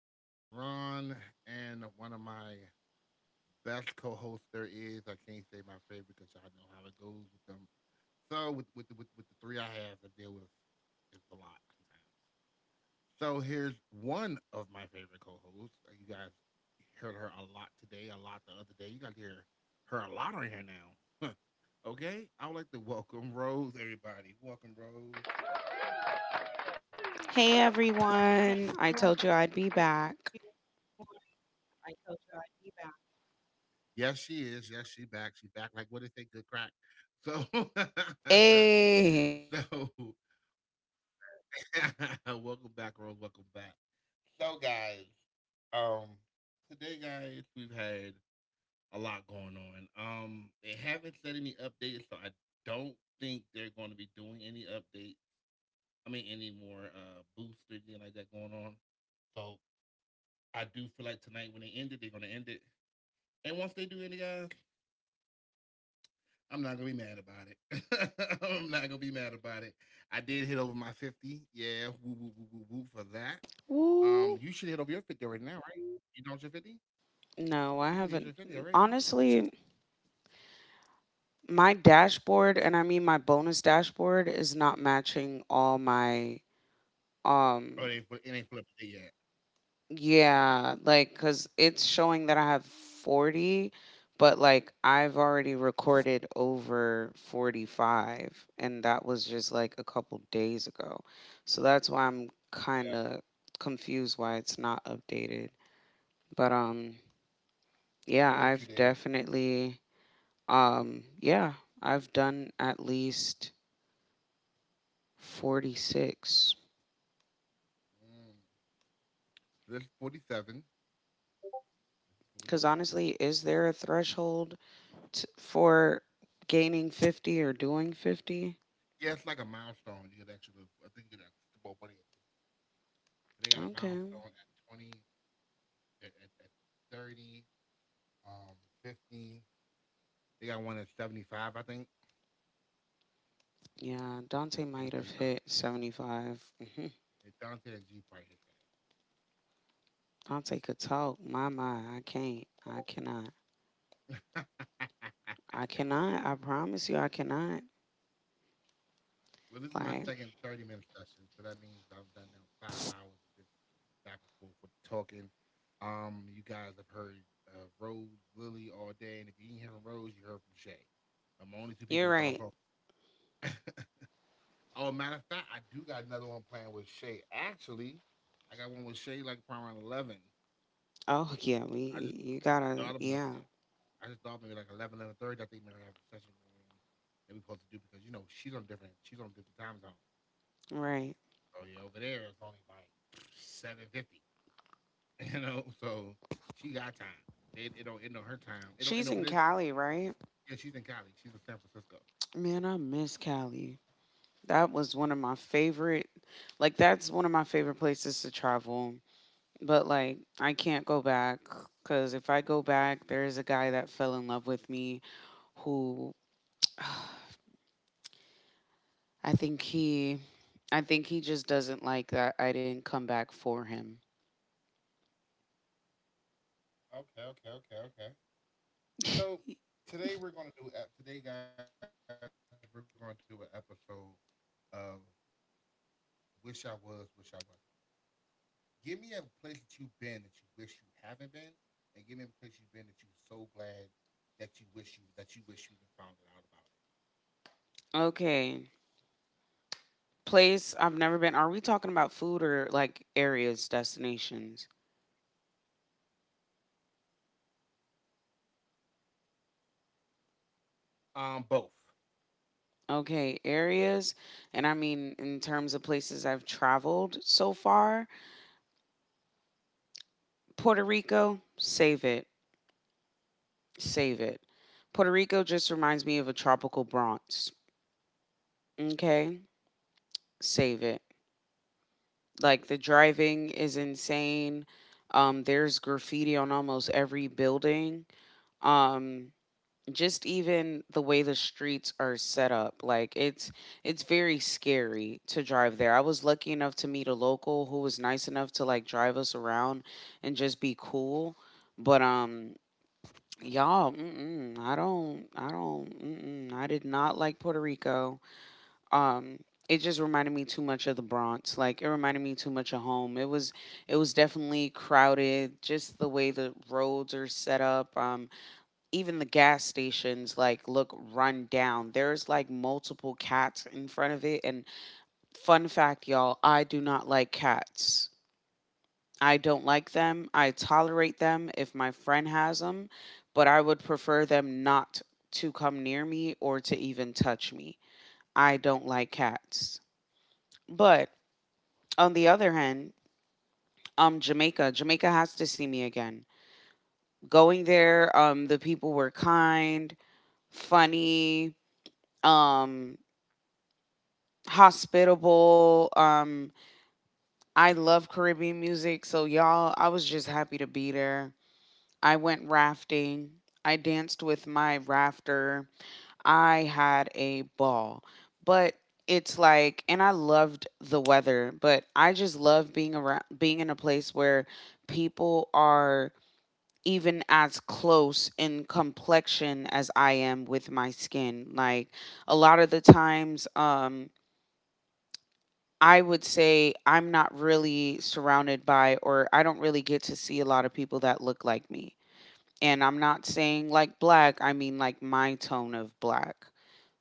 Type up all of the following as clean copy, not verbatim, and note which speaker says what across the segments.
Speaker 1: It's your boy Ron and one of my best co-hosts there is. I can't say my favorite because y'all know how it goes with them. So with the three I have to deal with, it's a lot sometimes. So here's one of my favorite co-hosts. You guys heard her a lot today, a lot the other day. You got to hear her a lot on here now. Okay, I would like to welcome Rose, everybody. Welcome, Rose.
Speaker 2: Hey everyone, I told you I'd be back.
Speaker 1: Yes, she is. Yes, she back. She back like what they think, good crack. So,
Speaker 2: Hey,
Speaker 1: so welcome back, Rose. Welcome back. So, guys, um, today, guys, we've had a lot going on. They haven't said any updates, so I don't think they're going to be doing any updates. I mean, any more boosts or anything like that going on. So, I do feel like tonight when they end it, they're going to end it. And once they do any guys, I'm not gonna be mad about it. I'm not gonna be mad about it. I did hit over my 50. Yeah, woo woo woo woo woo for that.
Speaker 2: woo.
Speaker 1: You should hit over your 50 already now, right? You don't your 50?
Speaker 2: No, I haven't.
Speaker 1: You should hit your 50 already.
Speaker 2: Honestly, my dashboard, and I mean my bonus dashboard, is not matching all my um
Speaker 1: Oh, it ain't, it ain't flipped it yet.
Speaker 2: yeah, like cuz it's showing that I have 40, but like I've already recorded over 45 and that was just like a couple days ago. So that's why I'm kind of confused why it's not updated. But yeah, I've
Speaker 1: Give it a few days.
Speaker 2: definitely yeah, I've done at least 46
Speaker 1: Mm. This is 47. This
Speaker 2: cuz
Speaker 1: is
Speaker 2: honestly, is
Speaker 1: 47.
Speaker 2: there a threshold for gaining 50 or doing 50?
Speaker 1: Yeah, it's like a milestone. You get actually. I think you get extra about money.
Speaker 2: Okay.
Speaker 1: They got a milestone at 20, at 30, um, 50. They got one at 75, I think.
Speaker 2: Yeah, Dante might have
Speaker 1: I
Speaker 2: hit
Speaker 1: think it's 75.
Speaker 2: 75. Mhm.
Speaker 1: Yeah, Dante and G probably hit
Speaker 2: Dante could talk. I can't. I cannot.
Speaker 1: that.
Speaker 2: I cannot. I promise you, I cannot. Like,
Speaker 1: Well, this is my second 30-minute session, so that means I've done now 5 hours of this back and forth with talking. You guys have heard Rose, Lily all day, and if you didn't hear from Rose, you heard from Shay.
Speaker 2: you're right.
Speaker 1: I'm the only two people that bounce off. Oh, matter of fact, I do got another one playing with Shay. Actually, I got one with Shay like around 11.
Speaker 2: Oh, yeah, you gotta,
Speaker 1: I just
Speaker 2: yeah,
Speaker 1: thought about that. I just thought maybe like 11 11 30. I think Mary have a session going on that we supposed to do because you know she's on different time zone.
Speaker 2: right.
Speaker 1: So yeah, over there it's only like 7:50. You know, so she got time. They, it don't
Speaker 2: She's
Speaker 1: end
Speaker 2: in
Speaker 1: on her
Speaker 2: Cali,
Speaker 1: time. It don't end
Speaker 2: right?
Speaker 1: over there. Till, yeah, she's in college. She's in San
Speaker 2: Man, I
Speaker 1: Francisco.
Speaker 2: miss Cali. That was one of my favorite, like, that's one of my favorite places to travel. But, like, I can't go back because if I go back, there's a guy that fell in love with me who I think he I think he just doesn't like that I didn't come back for him.
Speaker 1: Okay, okay, okay, okay. So today we're gonna do today, guys. We're gonna do an episode of "Wish I Was, Wish I Wasn't." Give me a place that you've been that you wish you haven't been, and give me a place you've been that you're so glad that you wish you have been found out about it.
Speaker 2: Okay. Place I've never been. Are we talking about food or like areas, destinations?
Speaker 1: Both.
Speaker 2: Okay, areas, and I mean in terms of places I've traveled so far, Puerto Rico, save it, save it. Puerto Rico just reminds me of a tropical Bronx. Okay, save it. Like the driving is insane. There's graffiti on almost every building. um just even the way the streets are set up, like it's very scary to drive there. I was lucky enough to meet a local who was nice enough to like drive us around and just be cool, but y'all, mm-mm, I don't mm-mm, I did not like Puerto Rico. um it just reminded me too much of the Bronx, like it reminded me too much of home. It was definitely crowded, just the way the roads are set up. Even the gas stations like look run down. There's like multiple cats in front of it. And fun fact, y'all, I do not like cats. I don't like them. I tolerate them if my friend has them, but I would prefer them not to come near me or to even touch me. I don't like cats. But on the other hand, Jamaica, Jamaica has to see me again. Going there, the people were kind, funny, um hospitable. I love Caribbean music, so y'all, I was just happy to be there. I went rafting. I danced with my rafter. I had a ball. But it's like, and I loved the weather, but I just love being around being in a place where people are even as close in complexion as I am with my skin. Like a lot of the times, I would say I'm not really surrounded by, or I don't really get to see a lot of people that look like me. And I'm not saying like black, I mean like my tone of black.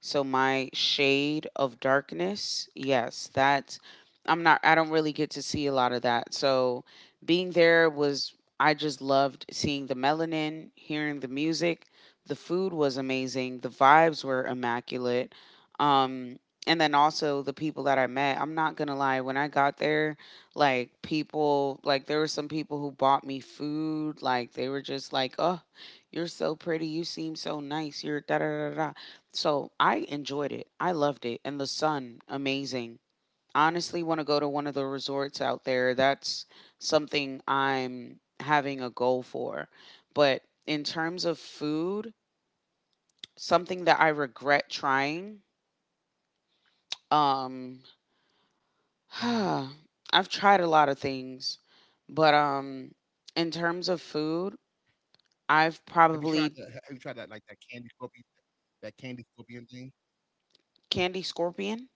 Speaker 2: So my shade of darkness, yes, that's I don't really get to see a lot of that. So being there was, I just loved seeing the melanin, hearing the music. The food was amazing. The vibes were immaculate. Um and then also the people that I met. I'm not going to lie, when I got there, like there were some people who bought me food. Like they were just like, "Oh, you're so pretty. You seem so nice. You're da da da da." So I enjoyed it. I loved it, and the sun, amazing. Honestly, want to go to one of the resorts out there. That's something I'm having a goal for. But in terms of food, something that I regret trying. Um,
Speaker 1: Hmm.
Speaker 2: I've tried a lot of things, but in terms of food,
Speaker 1: Have you tried that? Have
Speaker 2: I've
Speaker 1: you tried that like
Speaker 2: probably
Speaker 1: that candy scorpion, that candy scorpion thing?
Speaker 2: candy scorpion.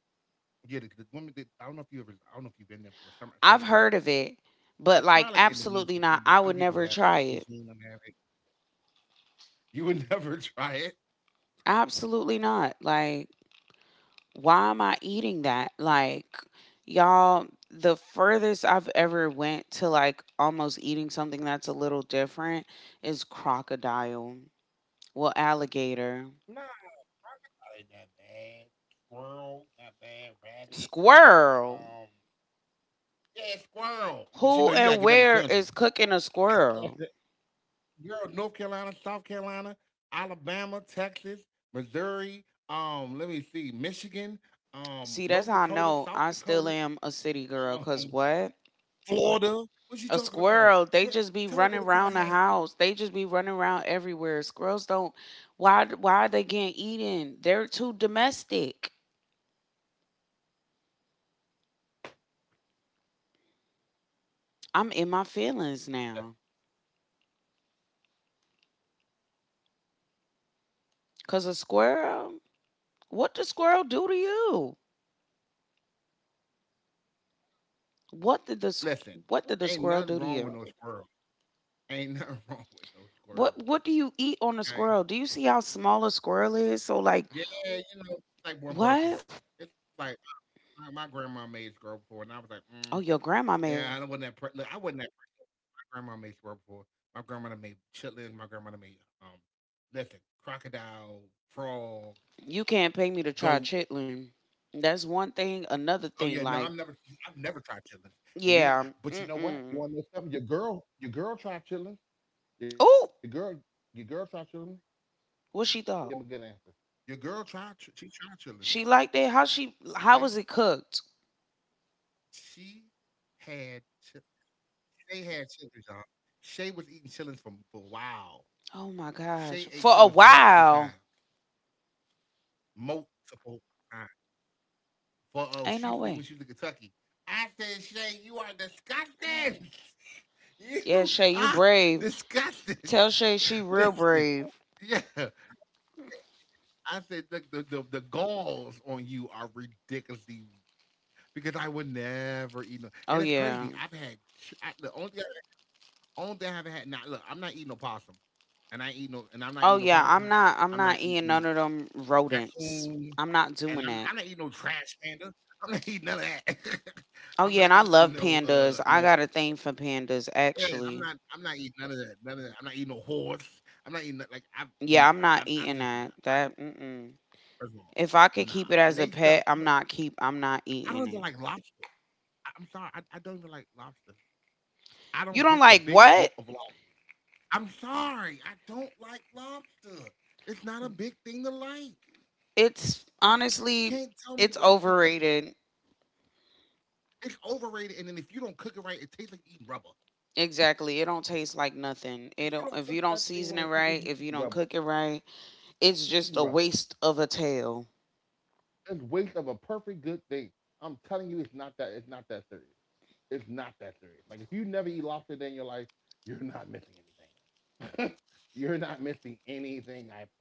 Speaker 1: Yeah, the woman. That, I don't know if you ever. I don't know if you've been there before. Some certain places.
Speaker 2: I've heard of it,
Speaker 1: It's probably like
Speaker 2: but
Speaker 1: an
Speaker 2: like
Speaker 1: Indonesian thing, but
Speaker 2: absolutely
Speaker 1: some
Speaker 2: not.
Speaker 1: people
Speaker 2: I
Speaker 1: have
Speaker 2: would
Speaker 1: it.
Speaker 2: never
Speaker 1: They seen
Speaker 2: try
Speaker 1: them
Speaker 2: it.
Speaker 1: have it. You would never try it.
Speaker 2: Absolutely not. Like why am I eating that? Like y'all, the furthest I've ever went to like almost eating something that's a little different is crocodile. Well, alligator,
Speaker 1: Nah, rabbit, not that bad. Squirrel, not bad. Rabbit.
Speaker 2: squirrel.
Speaker 1: Um, Yeah, squirrel. But you know, you
Speaker 2: Who
Speaker 1: gotta get
Speaker 2: and
Speaker 1: them in the
Speaker 2: where
Speaker 1: country.
Speaker 2: is cooking a squirrel?
Speaker 1: Girl, North Carolina, South Carolina, Alabama, Texas, Missouri. Let me see, Michigan,
Speaker 2: See, that's
Speaker 1: North
Speaker 2: how I
Speaker 1: Dakota,
Speaker 2: know
Speaker 1: South
Speaker 2: I still
Speaker 1: Dakota,
Speaker 2: am a city girl. Cause
Speaker 1: um,
Speaker 2: what?
Speaker 1: Florida. What you
Speaker 2: A
Speaker 1: talking about?
Speaker 2: squirrel, they just be
Speaker 1: Tell her go
Speaker 2: running
Speaker 1: to
Speaker 2: around the
Speaker 1: Tallahassee.
Speaker 2: house. They just be running around everywhere. Squirrels don't. Why? Why are they getting eaten? They're too domestic. I'm in my feelings now. Cause a squirrel. What did squirrel do to you? What did the s-
Speaker 1: Listen,
Speaker 2: What did the
Speaker 1: ain't
Speaker 2: squirrel
Speaker 1: nothing
Speaker 2: do to
Speaker 1: wrong with
Speaker 2: you?
Speaker 1: no squirrel. Ain't nothing wrong with no squirrel.
Speaker 2: What do you eat on a
Speaker 1: Okay.
Speaker 2: squirrel? Do you see how small a squirrel is? So like,
Speaker 1: Yeah, you know, it's like one person.
Speaker 2: what?
Speaker 1: It's like my grandma made squirrel before, and I was like,
Speaker 2: Oh, your
Speaker 1: yeah,
Speaker 2: grandma
Speaker 1: I
Speaker 2: made.
Speaker 1: wasn't that. Look, I wasn't that grandma made swear before. My grandmother made chitlins. My grandmother made um, listen, crocodile, frog,
Speaker 2: You can't pay me to
Speaker 1: goat.
Speaker 2: try chitlin. That's one thing. Another
Speaker 1: Oh yeah,
Speaker 2: thing,
Speaker 1: no,
Speaker 2: like,
Speaker 1: I've never tried chitlins. And you're not,
Speaker 2: yeah,
Speaker 1: but you know what? You want to
Speaker 2: mm-mm.
Speaker 1: know something? Your girl tried chitlins. Your girl,
Speaker 2: Ooh,
Speaker 1: your girl tried chitlins. Give him a good answer. Your
Speaker 2: what she
Speaker 1: girl
Speaker 2: thought?
Speaker 1: tried, she tried chitlins. Okay,
Speaker 2: She liked it. How she? How was it cooked?
Speaker 1: she had, chi- they had chitlins, y'all. Shay was eating chitlins for a while. Shay ate chitlins
Speaker 2: Oh my
Speaker 1: multiple
Speaker 2: gosh!
Speaker 1: times,
Speaker 2: For a while,
Speaker 1: multiple times. For she used to when she was in
Speaker 2: ain't
Speaker 1: Kentucky.
Speaker 2: no way.
Speaker 1: I said, Shay, you are disgusting. You are
Speaker 2: Yeah, Shay, you
Speaker 1: disgusting.
Speaker 2: brave. Tell Shay
Speaker 1: Listen,
Speaker 2: she real
Speaker 1: yeah.
Speaker 2: brave.
Speaker 1: I said, look, the galls on you are ridiculously because I would never eat no. And it's
Speaker 2: Oh
Speaker 1: crazy. I've
Speaker 2: yeah.
Speaker 1: had ch- I, the only thing I haven't had. Now, look, I'm not eating no possum, and I'm not eating no
Speaker 2: Oh
Speaker 1: possum.
Speaker 2: yeah. I'm
Speaker 1: I'm
Speaker 2: not.
Speaker 1: not
Speaker 2: I'm not
Speaker 1: eating
Speaker 2: eating none of them
Speaker 1: raccoons,
Speaker 2: rodents. I'm
Speaker 1: and
Speaker 2: not
Speaker 1: I'm
Speaker 2: doing
Speaker 1: not eating
Speaker 2: that.
Speaker 1: no trash panda. I'm not eating none of that. I'm not
Speaker 2: Oh yeah, and I
Speaker 1: eating no
Speaker 2: love
Speaker 1: uh no
Speaker 2: pandas. I got a thing for pandas,
Speaker 1: yeah. I'm not
Speaker 2: actually.
Speaker 1: I'm not eating none of that. None of that. I'm not eating no horse. I'm not eating no- like I'm n-
Speaker 2: Yeah, I'm
Speaker 1: I'm
Speaker 2: not
Speaker 1: I'm just
Speaker 2: eating
Speaker 1: not.
Speaker 2: that. That. Mm-mm.
Speaker 1: First of all,
Speaker 2: If I
Speaker 1: nah.
Speaker 2: could keep it
Speaker 1: And they
Speaker 2: as a
Speaker 1: stuff.
Speaker 2: pet,
Speaker 1: Yeah,
Speaker 2: I'm not
Speaker 1: I don't
Speaker 2: eating
Speaker 1: even
Speaker 2: it.
Speaker 1: like lobster. I'm sorry. I don't even like lobster. I don't
Speaker 2: You
Speaker 1: get
Speaker 2: don't
Speaker 1: the
Speaker 2: like
Speaker 1: big whoop
Speaker 2: what?
Speaker 1: of lobster. I'm sorry. I don't like lobster. It's not a big thing to like.
Speaker 2: It's
Speaker 1: You can't tell
Speaker 2: honestly
Speaker 1: me
Speaker 2: it's
Speaker 1: lobster.
Speaker 2: overrated.
Speaker 1: It's overrated, and then if you don't cook it right, it tastes like eating rubber.
Speaker 2: Exactly. It don't taste like nothing.
Speaker 1: If
Speaker 2: It
Speaker 1: you
Speaker 2: don't
Speaker 1: don't
Speaker 2: if
Speaker 1: cook
Speaker 2: you don't
Speaker 1: that thing
Speaker 2: season
Speaker 1: right,
Speaker 2: it right,
Speaker 1: you
Speaker 2: if
Speaker 1: eating
Speaker 2: you don't
Speaker 1: rubber.
Speaker 2: cook it right, it's
Speaker 1: You
Speaker 2: just
Speaker 1: eating
Speaker 2: a
Speaker 1: rubber.
Speaker 2: waste of a tail.
Speaker 1: It's waste of a perfect good thing. I'm telling you, it's not that. It's not that serious. It's not that serious. Like if you never eat lobster a day in your life, you're not missing anything. You're not missing anything. I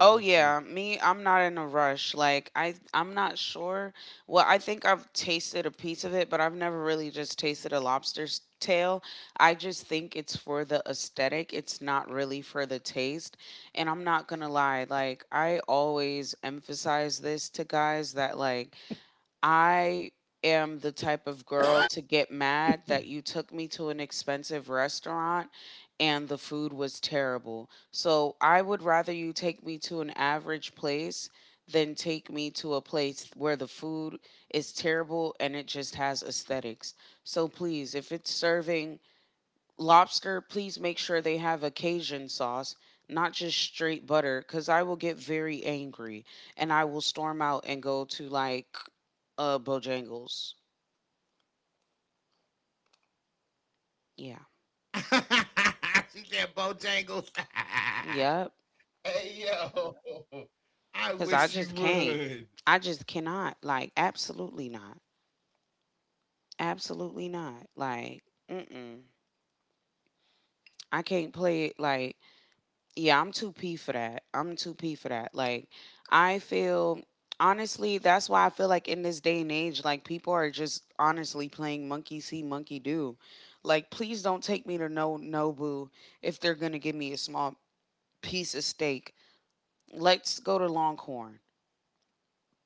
Speaker 2: Oh yeah,
Speaker 1: you.
Speaker 2: me. I'm not in a rush. Like I'm not sure. Well, I think I've tasted a piece of it, but I've never really just tasted a lobster's tail. I just think it's for the aesthetic. It's not really for the taste. And I'm not gonna lie. Like I always emphasize this to guys that like I am the type of girl to get mad that you took me to an expensive restaurant and the food was terrible. So I would rather you take me to an average place than take me to a place where the food is terrible and it just has aesthetics. So please, if it's serving lobster, please make sure they have a Cajun sauce. Not just straight butter, because I will get very angry and I will storm out and go to like Bojangles. Yeah.
Speaker 1: She said Bojangles.
Speaker 2: Yep.
Speaker 1: Hey yo, I
Speaker 2: Because I
Speaker 1: wish you
Speaker 2: just can't.
Speaker 1: would.
Speaker 2: I just cannot. Like, absolutely not. Absolutely not. Like, mm-mm. I can't play it. Like, yeah, I'm too P for that. I'm too P for that. Like, I feel, honestly, that's why I feel like in this day and age, like, people are just honestly playing monkey see, monkey do. Like, please don't take me to no Nobu if they're going to give me a small piece of steak. Let's go to Longhorn.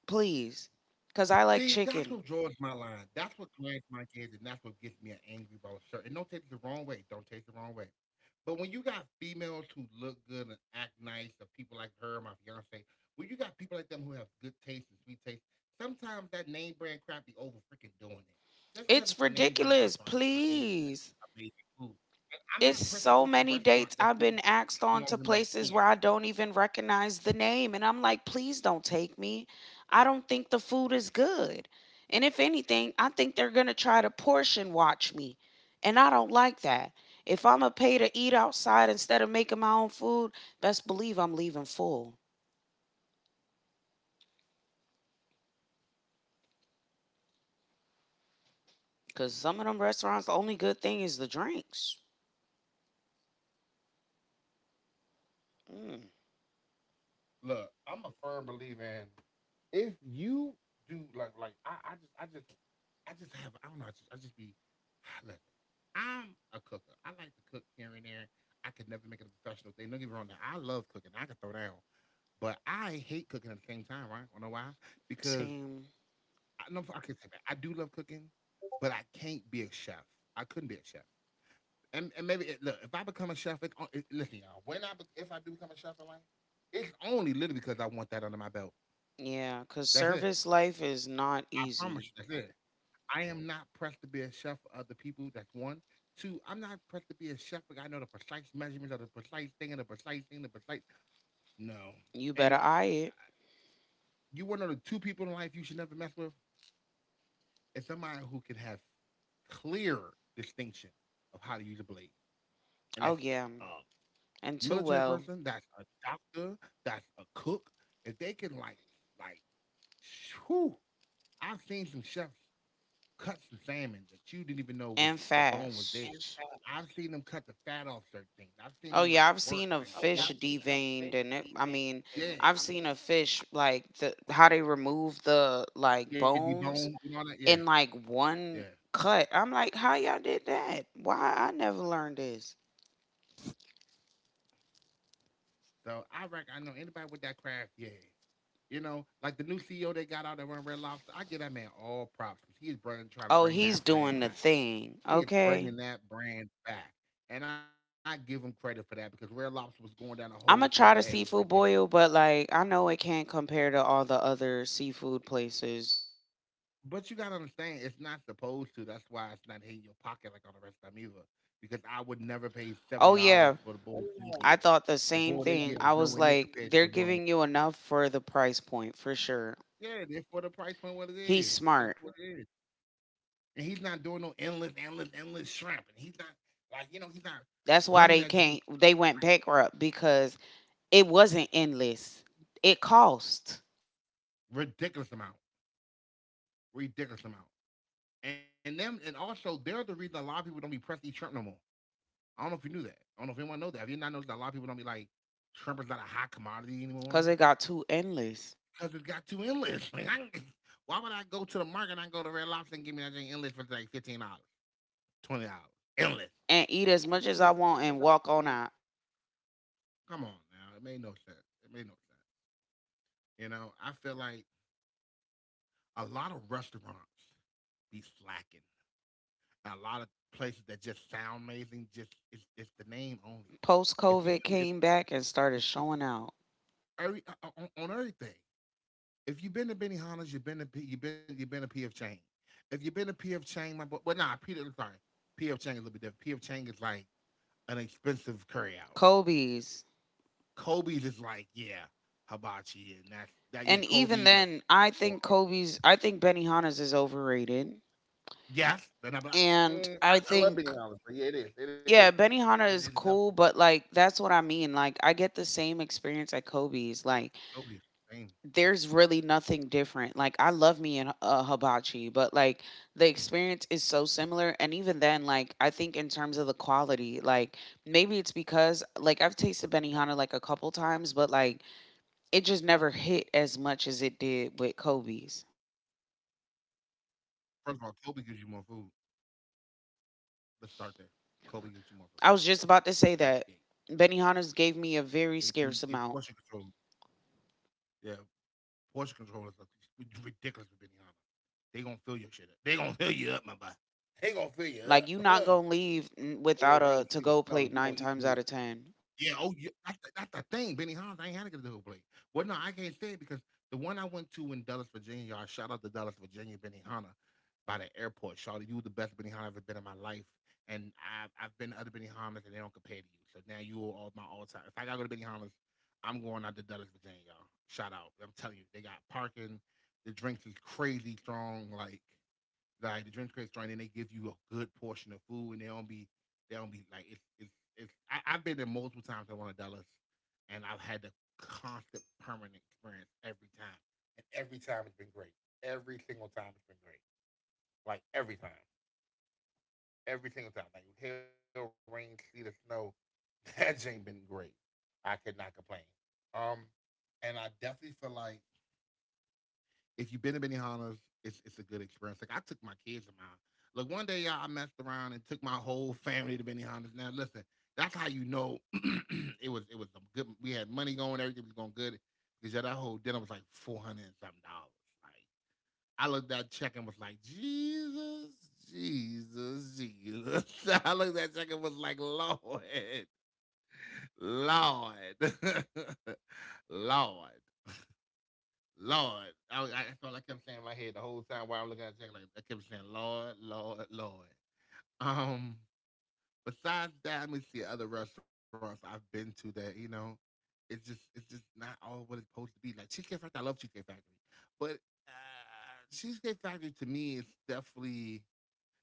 Speaker 2: Please. Because I like
Speaker 1: See, that's
Speaker 2: chicken.
Speaker 1: what draws my line. That's what grinds my gears, and that's what gets me angry about certain. And don't take it the wrong way. Don't take it the wrong way. But when you got females who look good and act nice, or people like her, my fiance, when you got people like them who have good taste and sweet taste, sometimes that name brand crap be over freaking doing it. Just because
Speaker 2: It's
Speaker 1: it's a name brand
Speaker 2: ridiculous.
Speaker 1: restaurant does not mean it's
Speaker 2: Please.
Speaker 1: amazing food. And I'm
Speaker 2: It's
Speaker 1: not pressed to
Speaker 2: so
Speaker 1: go to a
Speaker 2: many dates
Speaker 1: restaurant
Speaker 2: I've
Speaker 1: that
Speaker 2: been
Speaker 1: food is
Speaker 2: asked on to
Speaker 1: smaller than my
Speaker 2: places where
Speaker 1: hand.
Speaker 2: I don't even recognize the name. And I'm like, please don't take me. I don't think the food is good. And if anything, I think they're going to try to portion watch me. And I don't like that. If I'm a pay to eat outside instead of making my own food, best believe I'm leaving full. Because some of them restaurants, the only good thing is the drinks. Mm,
Speaker 1: Look, I'm a firm believer in if you do like I just I just I just have I don't know I just be listen. I'm a cooker. I like to cook here and there. I could never make it a professional thing. Don't get me wrong. Now, I love cooking. I can throw down, but I hate cooking at the same time. Right? Wanna know why? Because
Speaker 2: same.
Speaker 1: I know I can say that I do love cooking, but I can't be a chef. I couldn't be a chef. And maybe look, if I become a chef, listen, y'all. If I do become a chef in life, it's only literally because I want that under my belt.
Speaker 2: Yeah, because
Speaker 1: That's it.
Speaker 2: service life is not
Speaker 1: I promise
Speaker 2: easy.
Speaker 1: you, that's it. I am not pressed to be a chef for other people. That's one. Two, I'm not pressed to be a chef because I know the precise measurements of the precise thing and the precise thing, the precise. No.
Speaker 2: You
Speaker 1: And
Speaker 2: better eye it.
Speaker 1: you want to know the two people in life you should never mess with? It's somebody who can have clear distinction of how to use a blade. And
Speaker 2: Oh,
Speaker 1: that's
Speaker 2: yeah.
Speaker 1: a
Speaker 2: And too
Speaker 1: military
Speaker 2: well.
Speaker 1: person, that's a doctor, that's a cook. If they can, like, whew, I've seen some chefs cuts the salmon that you didn't even know was
Speaker 2: And
Speaker 1: the bone was there.
Speaker 2: fast.
Speaker 1: Exactly. I've seen them cut the fat off certain things. I've seen
Speaker 2: Oh,
Speaker 1: them
Speaker 2: yeah.
Speaker 1: like
Speaker 2: I've
Speaker 1: work,
Speaker 2: seen a
Speaker 1: like them.
Speaker 2: fish deveined. I mean,
Speaker 1: Yeah.
Speaker 2: I've seen a fish, like, how they remove the, like,
Speaker 1: Yeah, debone
Speaker 2: bones
Speaker 1: and all that. Yeah,
Speaker 2: in, like,
Speaker 1: yeah.
Speaker 2: one cut. I'm like, how y'all did that? Why? I never learned this.
Speaker 1: So I reckon I know anybody with that craft. Yeah, you know, like the new CEO they got out there run Red Lobster. I give that man all props because trying to
Speaker 2: Oh,
Speaker 1: bring
Speaker 2: he's
Speaker 1: that brand
Speaker 2: doing the
Speaker 1: back.
Speaker 2: thing.
Speaker 1: He is
Speaker 2: Okay.
Speaker 1: bringing that brand back, and I give him credit for that because Red Lobster was going down a hole so
Speaker 2: I'm
Speaker 1: bad
Speaker 2: gonna
Speaker 1: it was
Speaker 2: try the
Speaker 1: ridiculous.
Speaker 2: seafood boil, but like I know it can't compare to all the other seafood places.
Speaker 1: But you gotta understand, it's not supposed to. That's why it's not hitting your pocket like on the rest of them either. Because I would never pay
Speaker 2: Oh
Speaker 1: seventy
Speaker 2: yeah,
Speaker 1: dollars for the bowl you. Oh, yeah.
Speaker 2: I
Speaker 1: Give.
Speaker 2: thought the
Speaker 1: The
Speaker 2: same
Speaker 1: bowl they
Speaker 2: thing.
Speaker 1: give
Speaker 2: I
Speaker 1: is
Speaker 2: was
Speaker 1: nowhere near
Speaker 2: like,
Speaker 1: compared
Speaker 2: they're
Speaker 1: to the one.
Speaker 2: giving you enough for the price point for sure.
Speaker 1: Yeah, they're for the price point what it
Speaker 2: He's
Speaker 1: is.
Speaker 2: smart.
Speaker 1: That's what it is. And he's not doing no endless, endless, endless shrimp. And he's not he's not
Speaker 2: That's why they
Speaker 1: running that
Speaker 2: can't.
Speaker 1: gym
Speaker 2: They went
Speaker 1: like
Speaker 2: bankrupt because it wasn't endless. It cost
Speaker 1: ridiculous amount, ridiculous amount. And them and also they're the reason a lot of people don't be pressing eat shrimp no more. I don't know if you knew that. I don't know if anyone knows that. Have you not noticed that a lot of people don't be like, shrimp is not a hot commodity anymore
Speaker 2: because it got too endless.
Speaker 1: because it got too endless. Like, I, why would I go to the market and I go to Red Lobster and give me that thing endless for like $15, $20, endless?
Speaker 2: And eat as much as I want and walk on out.
Speaker 1: Come on now, it made no sense. It made no sense. You know, I feel like a lot of restaurants be slacking. A lot of places that just sound amazing, just it's the name only.
Speaker 2: Post
Speaker 1: If you
Speaker 2: COVID
Speaker 1: if,
Speaker 2: came
Speaker 1: if,
Speaker 2: back and started
Speaker 1: if you,
Speaker 2: showing out.
Speaker 1: every, on everything, if you've been to Benihana's, you've been to P, you've been to PF Chang's. If you've been to PF Chang's, my boy, well, nah, Peter, I'm sorry, PF Chang's is a little bit different. PF Chang's is like an expensive curry out.
Speaker 2: Kobe's.
Speaker 1: Kobe's is like, yeah, hibachi, yeah, and that's that. Yeah,
Speaker 2: And even
Speaker 1: Kobe's or
Speaker 2: then, I
Speaker 1: or,
Speaker 2: think
Speaker 1: or
Speaker 2: I think Benihana's is overrated.
Speaker 1: yes, then I'm like,
Speaker 2: And
Speaker 1: mm, I, I love Benihana's, but yeah,
Speaker 2: yeah,
Speaker 1: it
Speaker 2: Benihana
Speaker 1: is
Speaker 2: is
Speaker 1: definitely
Speaker 2: cool, but like, that's what I mean. Like, I get the same experience at Kobe's. Like,
Speaker 1: Kobe's. Same.
Speaker 2: there's really nothing different. Like, I love me in hibachi, but like, the experience is so similar. And even then, like, I think in terms of the quality, like, maybe it's because, like, I've tasted Benihana like a couple times, but like, it just never hit as much as it did with Kobe's.
Speaker 1: First of all, Kobe gives you more food. Let's start there. Kobe gives you more food.
Speaker 2: I was just about
Speaker 1: Out
Speaker 2: to
Speaker 1: the gate,
Speaker 2: say that Benihana's gave me a
Speaker 1: they
Speaker 2: very
Speaker 1: do they
Speaker 2: scarce
Speaker 1: portion
Speaker 2: amount.
Speaker 1: control. Yeah, portion controllers are ridiculous with Benihana. They gonna fill your shit up. They gonna fill you up, my boy. They gonna fill you
Speaker 2: Like you
Speaker 1: up.
Speaker 2: not gonna leave
Speaker 1: It'll rain,
Speaker 2: without a
Speaker 1: sleet, or
Speaker 2: to go
Speaker 1: snow. You
Speaker 2: plate
Speaker 1: gonna eat
Speaker 2: nine
Speaker 1: good.
Speaker 2: times out of ten.
Speaker 1: Yeah, oh, yeah, that's the thing, Benihana, I ain't had to get the whole plate. Well, no, I can't say it because the one I went to in Dallas, Virginia, y'all, shout out to Dallas, Virginia, Benihana, by the airport. Shawty, you were the best Benihana I've ever been in my life, and I've been to other Benihanas and they don't compare to you. So now you are all my all time. If I gotta go to Benihanas, I'm going out to Dallas, Virginia, y'all. Shout out, I'm telling you, they got parking. The drinks is crazy strong, like the drink crates joint, and they give you a good portion of food, and they don't be like it's it's. I've been there multiple times at one of Dallas, and I've had the constant permanent experience every time, and every time it's been great. Every single time it's been great. Like every time, every single time, like hail, rain, sleet, or snow, that ain't been great. I could not complain. Um, and I definitely feel like if you've been to Benihana's, it's a good experience. Like I took my kids to mine. Like one day, y'all, I messed around and took my whole family to Benihana's. Now listen, that's how you know it was a good. We had money going, everything was going good because yeah, that whole dinner was like 400 and something dollars. Like I looked at that check and was like, Jesus, Jesus, Jesus. I looked at that check and was like, Lord, Lord, Lord. Lord. I that's all I kept saying in my head the whole time while I'm looking at the check. Like I kept saying, Lord, Lord, Lord. Um, Besides that, let me see other restaurants I've been to that you know, it's just not all what it's supposed to be. Like Cheesecake Factory, I love Cheesecake Factory, but Cheesecake Factory to me is definitely.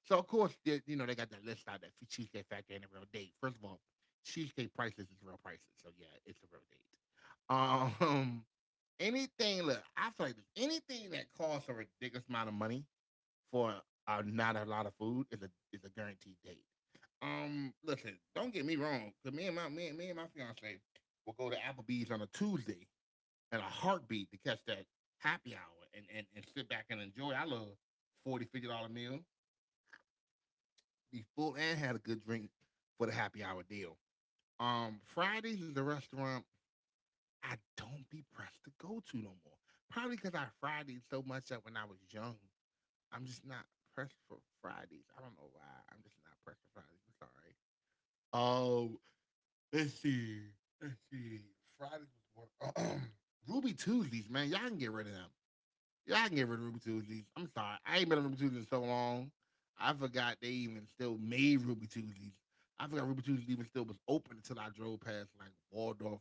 Speaker 1: So of course, you know they got that list out that Cheesecake Factory ain't a real date. First of all, cheesecake prices is real prices, so yeah, it's a real date. Anything, look, I feel like anything that costs a ridiculous amount of money for not a lot of food is a guaranteed date. Listen, don't get me wrong, cause me and my me, and- me and my fiance will go to Applebee's on a Tuesday in a heartbeat to catch that happy hour and and sit back and enjoy. I love $40 $50 meal, be full and had a good drink for the happy hour deal. Fridays is a restaurant I don't be pressed to go to no more. Probably because I Fridays so much that when I was young. I'm just not pressed for Fridays. I don't know why. I'm just not pressed for Fridays. I'm sorry. Oh, let's see. Let's see. Fridays was one. Ruby Tuesdays, man. Y'all can get rid of them. Yeah, I can get rid of Ruby Tuesdays. I'm sorry. I ain't been on Ruby Tuesdays in so long. I forgot they even still made Ruby Tuesdays. I forgot Ruby Tuesdays even still was open until I drove past like Waldorf,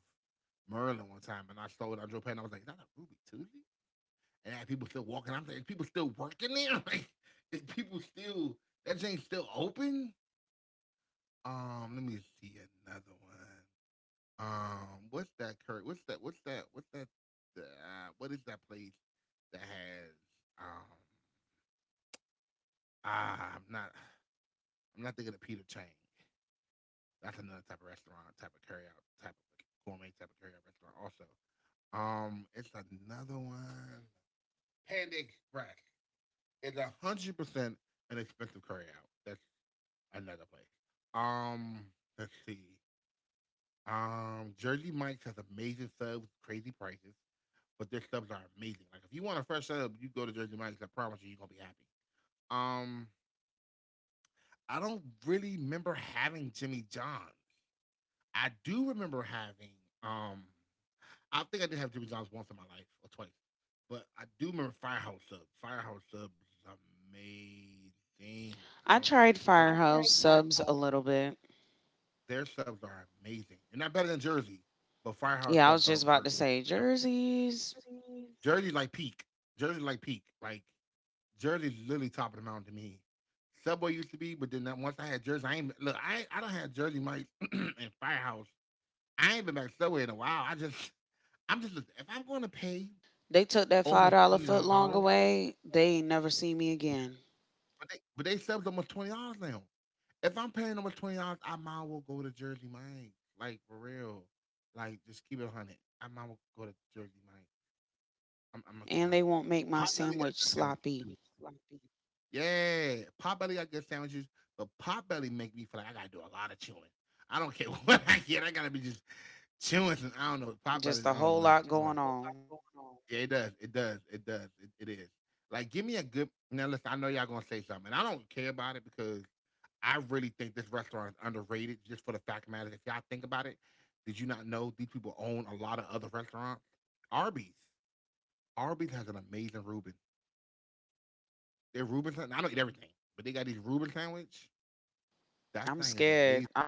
Speaker 1: Maryland one time and I saw it. I drove past and I was like, is that a Ruby Tuesday? And I had people still walking. I'm like, is people still working there? Like, is people still, that thing's still open? Let me see another one. What's that, Kurt? What's that? What's that? What's that? What is that place that has, um, ah, I'm not, I'm not thinking of Peter Chang. That's another type of restaurant, type of carryout, type of like gourmet type of carryout restaurant. Also, it's another one. Panda Express. It's 100% an expensive carryout. That's another place. Um, let's see. Jersey Mike's has amazing subs, crazy prices, but their subs are amazing. Like if you want a fresh sub, you go to Jersey Mike's. I promise you, you're gonna be happy. Um, I don't really remember having Jimmy John's. I do remember having um I think I did have Jimmy John's once in my life or twice. But I do remember Firehouse Subs. Firehouse Subs is amazing. I
Speaker 2: I
Speaker 1: don't know
Speaker 2: tried
Speaker 1: what
Speaker 2: Firehouse subs a little bit.
Speaker 1: their subs are amazing. They're not better than Jersey, but Firehouse
Speaker 2: Yeah, I was
Speaker 1: subs are,
Speaker 2: just about
Speaker 1: are
Speaker 2: to say jerseys.
Speaker 1: Jersey like peak. Jersey like peak. Like Jersey's literally top of the mountain to me. Subway used to be, but then once I had Jersey, I ain't look. I don't have Jersey Mike's and Firehouse. I ain't been back to Subway in a while. I just I'm just listen, if I'm going to pay
Speaker 2: They took that five
Speaker 1: almost
Speaker 2: dollar
Speaker 1: twenty
Speaker 2: foot
Speaker 1: dollars,
Speaker 2: long away. They ain't never see me again,
Speaker 1: but they subs almost $20 now. If I'm paying almost $20, I might will go to Jersey Mike, like for real, like just keep it a hundred. I might will go to Jersey Mike. I'm gonna keep it a
Speaker 2: and they
Speaker 1: hundred.
Speaker 2: won't make my
Speaker 1: Pop Belly got
Speaker 2: sandwich
Speaker 1: good
Speaker 2: sloppy.
Speaker 1: sandwiches too. Yeah, Pop Belly got good sandwiches, but Pop Belly make me feel like I gotta do a lot of chewing. I don't care what I get, I gotta be just chewing. I don't know.
Speaker 2: Just
Speaker 1: Potbellies.
Speaker 2: a
Speaker 1: I don't
Speaker 2: whole
Speaker 1: know.
Speaker 2: lot
Speaker 1: I don't-
Speaker 2: going on.
Speaker 1: a know. Yeah, it does. It does. It does. It is. Like, give me a good. Now, listen. I know y'all gonna say something, and I don't care about it because I really think this restaurant is underrated. Just for the fact of the matter, if y'all think about it, did you not know these people own a lot of other restaurants? Arby's. Arby's has an amazing Reuben. Their Reuben. I don't eat everything, but they got these Reuben sandwich. That
Speaker 2: I'm
Speaker 1: thing is amazing.
Speaker 2: scared. I,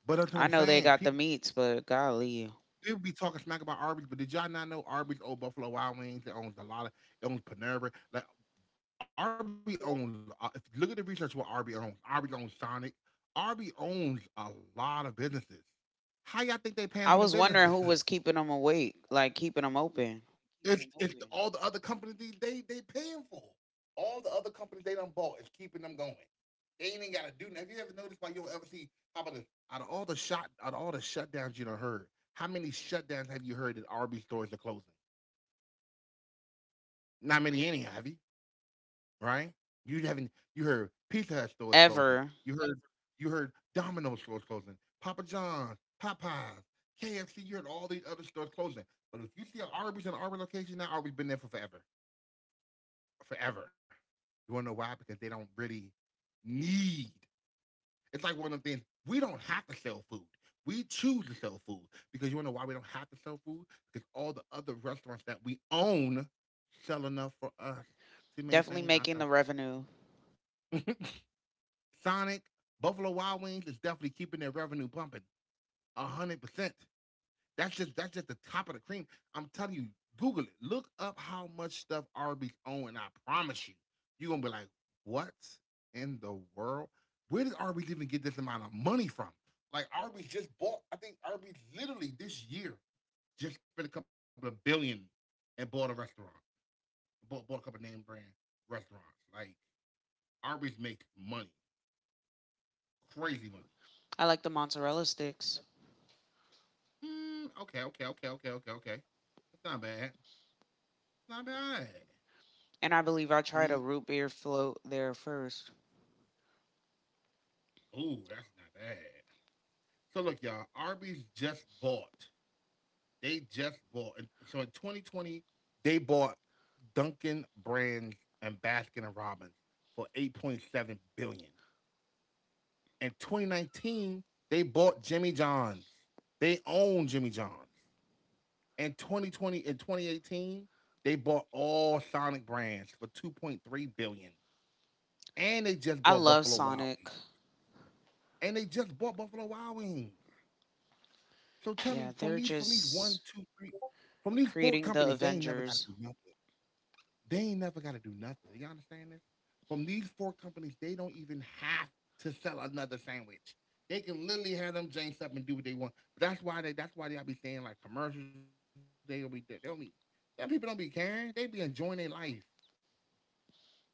Speaker 1: But that's what I'm
Speaker 2: I know they
Speaker 1: saying.
Speaker 2: got the meats, but golly,
Speaker 1: People be talking smack about Arby's, but did y'all not know Arby's Old Buffalo Wild Wings? It owns a lot of it owns Panera. Like Arby owns if you look at the research what Arby owns. Arby owns Sonic. Arby owns a lot of businesses. How y'all think they
Speaker 2: I
Speaker 1: paying for
Speaker 2: was
Speaker 1: them
Speaker 2: wondering
Speaker 1: businesses?
Speaker 2: who was
Speaker 1: Wait,
Speaker 2: keeping them awake, like keeping them
Speaker 1: like
Speaker 2: open.
Speaker 1: you It's don't know it's this. All the other companies they paying for. All the other companies they done bought is keeping them going. They ain't even gotta do nothing. Have you ever noticed why you don't ever see how about this? Out of all the shutdowns you done heard, how many shutdowns have you heard that RB stores are closing? Not many any have you, right? You haven't you heard Pizza Hut stores closing.
Speaker 2: Ever.
Speaker 1: You heard you heard Domino's stores closing, Papa John's, Popeyes, KFC, you heard all these other stores closing. But if you see an Arby's in an Arby's location now, Arby's been there for forever. Forever. You wanna know why? Because they don't really need it's like one of the things we don't have to sell food. We choose to sell food because you wanna know why we don't have to sell food? Because all the other restaurants that we own sell enough for us to
Speaker 2: Definitely
Speaker 1: maintain
Speaker 2: making the
Speaker 1: ourselves.
Speaker 2: revenue.
Speaker 1: Sonic, Buffalo Wild Wings is definitely keeping their revenue pumping. 100%. That's just the top of the cream. I'm telling you, Google it. Look up how much stuff Arby's own, and I promise you, you're gonna be like, what in the world? Where did Arby's even get this amount of money from? Like Arby's just bought, I think Arby's literally this year just spent a couple of billion and bought a restaurant. Bought a couple of name brand restaurants. Like Arby's make money, crazy money.
Speaker 2: I like the mozzarella sticks.
Speaker 1: Okay, okay, okay, okay, okay, okay. That's not bad. It's not bad.
Speaker 2: And I believe I tried a
Speaker 1: See?
Speaker 2: root beer float there first.
Speaker 1: Ooh, that's not bad. So look, y'all, Arby's just bought. They just bought. And So in 2020, they bought Dunkin' Brands and Baskin and Robbins for 8.7 billion. In 2019, they bought Jimmy John's. They own Jimmy John's. In 2018, they bought all Sonic brands for 2.3 billion. And they just
Speaker 2: I
Speaker 1: bought
Speaker 2: love
Speaker 1: Buffalo Wild
Speaker 2: Sonic.
Speaker 1: Wings. And they just bought Buffalo Wild Wings. So tell me,
Speaker 2: Yeah, they're
Speaker 1: from these
Speaker 2: just
Speaker 1: one, two, three, from these four
Speaker 2: creating the
Speaker 1: companies, they ain't never got to
Speaker 2: Avengers.
Speaker 1: do nothing. They ain't never got to do nothing. You understand this? From these four companies, they don't even have to sell another sandwich. They can literally have them jinxed up and do what they want. But that's why they be saying like commercials. They don't be, them people don't be caring. They be enjoying their life.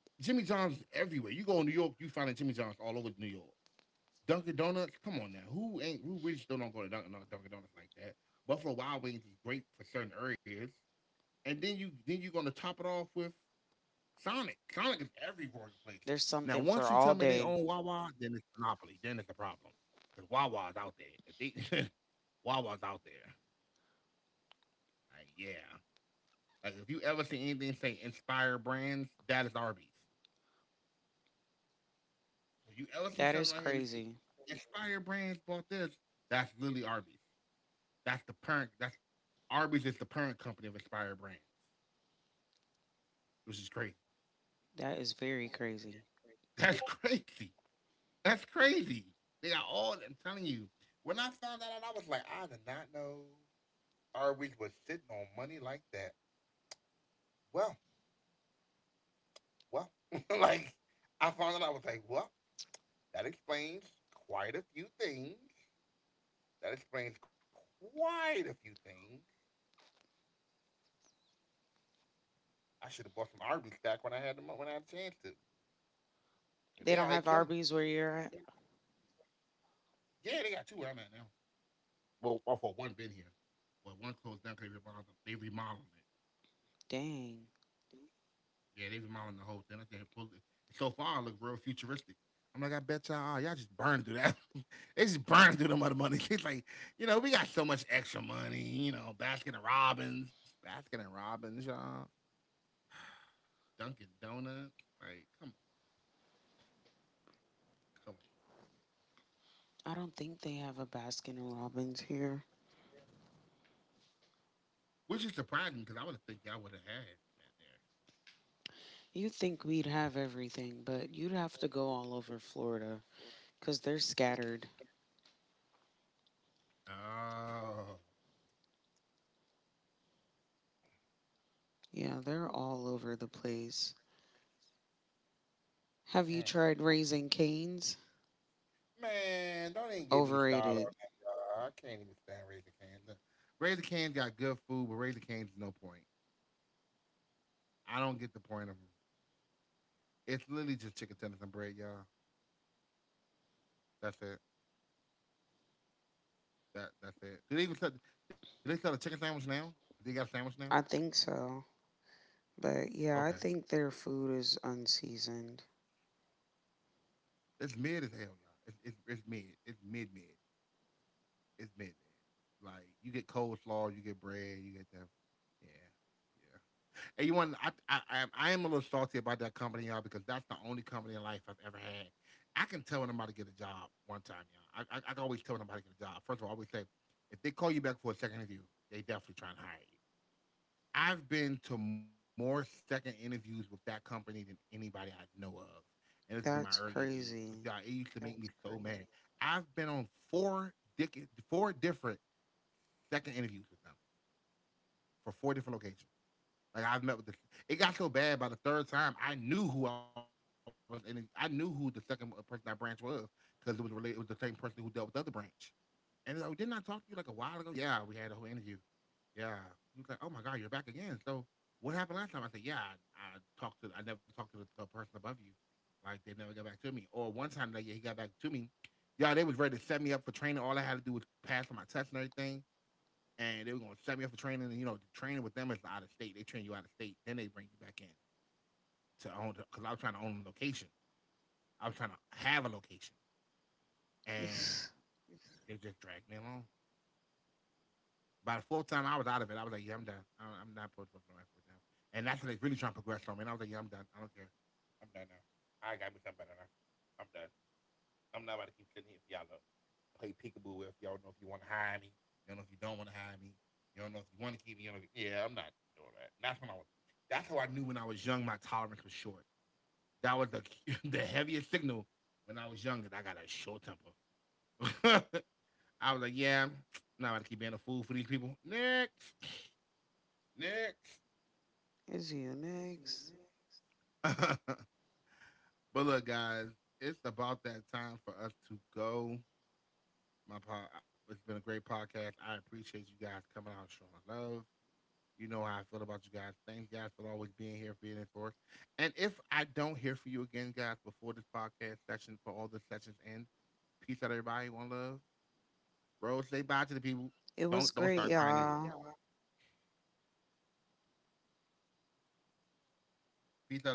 Speaker 1: Jimmy John's everywhere. You go in New York, you find a Jimmy John's all over New York. Dunkin' Donuts, come on now. Who really still don't go to Dunkin' Donuts like that? Buffalo Wild Wings is great for certain areas, and then you're gonna top it off with Sonic. Sonic is everywhere in place.
Speaker 2: There's
Speaker 1: Now,
Speaker 2: something for
Speaker 1: once you
Speaker 2: all
Speaker 1: tell me they
Speaker 2: day.
Speaker 1: own Wawa, then it's monopoly. Then it's a problem because Wawa's out there. If they, Wawa's out there. Like yeah, like if you ever see anything say Inspire Brands, that is Arby's. If you ever see
Speaker 2: That is
Speaker 1: something out here in the city,
Speaker 2: crazy.
Speaker 1: Inspire Brands bought this, that's literally Arby's. That's the parent. That's Arby's is the parent company of Inspired Brands, which is crazy.
Speaker 2: That is very crazy.
Speaker 1: That's crazy. That's crazy. They got all. I'm telling you. When I found that out, I was like, I did not know Arby's was sitting on money like that. Well, well, like I found out, I was like, well, that explains quite a few things. That explains quite a few things. I should have bought some Arby's stock when I had the when I had a chance to. They
Speaker 2: They
Speaker 1: out here
Speaker 2: don't have
Speaker 1: killing
Speaker 2: Arby's where you're at?
Speaker 1: it. Yeah, they got two where I'm at now. Well, off of one bin here. Well, one closed down because they remodeled. They remodeling it.
Speaker 2: Dang.
Speaker 1: Yeah, they remodeling the whole thing. I think they pulled it. So far, it looks real futuristic. I'm like, I bet y'all just burn through that. they just burn through them other money. It's like, you know, we got so much extra money. You know, Baskin and Robbins, y'all. Dunkin' Donuts. Like, come on, come on.
Speaker 2: I don't think they have a Baskin and Robbins here.
Speaker 1: Which is surprising because I would have think y'all would have had
Speaker 2: You'd think we'd have everything, but you'd have to go all over Florida because they're scattered.
Speaker 1: that there. Oh.
Speaker 2: Yeah, they're all over the place. Have you
Speaker 1: Mm.
Speaker 2: tried raising canes?
Speaker 1: Man, don't even get me started
Speaker 2: Overrated.
Speaker 1: on that. Y'all. I can't even stand Razor Cane's. Look, Razor Cane's got good food, but Razor Cane's no point. I don't get the point of them. It's literally just chicken tenders and bread, y'all. That's it. That's it. Do they even sell? Do they sell a chicken sandwich now? Do they got a sandwich now?
Speaker 2: I think so. But yeah, I
Speaker 1: Okay,
Speaker 2: think their food is unseasoned.
Speaker 1: it's mid as hell, y'all. It's mid. It's mid mid. It's mid mid. Like you get coleslaw, you get bread, you get that. Yeah, yeah. And you want I am a little salty about that company, y'all, because that's the only company in life I've ever had. I can tell when I'm about to get a job one time, y'all. I can always tell when I'm about to get a job. First of all, I always say, if they call you back for a second interview, they definitely trying to hire you. I've been to more second interviews with that company than anybody I know of. And this is in my
Speaker 2: That's
Speaker 1: earlier days. But y'all,
Speaker 2: crazy.
Speaker 1: it used to make me so mad. I've been on four different second interviews with them for four different locations. Like I've met with the, it got so bad by the third time I knew who I was in. I knew who the second person that branch was because it was related. It was the same person who dealt with the other branch. And it's like, didn't I talk to you like a while ago? Yeah, we had a whole interview. Yeah, he was like, oh my god, you're back again. So what happened last time? I said, yeah, I talked to. I never talked to the person above you. Like they never got back to me. Or one time, like yeah, he got back to me. Yeah, they was ready to set me up for training. All I had to do was pass on my test and everything and they were gonna set me up for training. And you know, training with them is out of state. They train you out of state, then they bring you back in to own because I was trying to own a location. I was trying to have a location, and
Speaker 2: Is
Speaker 1: they just dragged me along. By the fourth time I was out of it, I was like, yeah, I'm done. I'm not putting forth no effort with them. And that's when they really trying to progress on me. And I was like, yeah, I'm done. I don't care. I'm done now. I gotta become better now. I'm done. I'm not about to keep sitting here for y'all to play peekaboo with. Y'all know if you want to hire me. You don't know if you don't want to hire me. You don't know if you want to keep me. You don't know if- yeah, I'm not doing that. And that's when I was. That's how I knew when I was young my tolerance was short. That was the the heaviest signal when I was young that I got a short temper. I was like, yeah, I'm not about to keep being a fool for these people. Next, next.
Speaker 2: you next?
Speaker 1: but look, guys, it's about that time for us to go. My pod, it's been a great podcast. I appreciate you guys coming out, showing love. You know how I feel about you guys. Thanks, guys, for always being here, being in for us. And if I don't hear from you again, guys, before this podcast session, for all the sessions end, peace out, everybody. One love, bro. Say bye to the people.
Speaker 2: It was
Speaker 1: Don't
Speaker 2: great,
Speaker 1: don't start crying.
Speaker 2: y'all.
Speaker 1: Either. Peace out, everybody.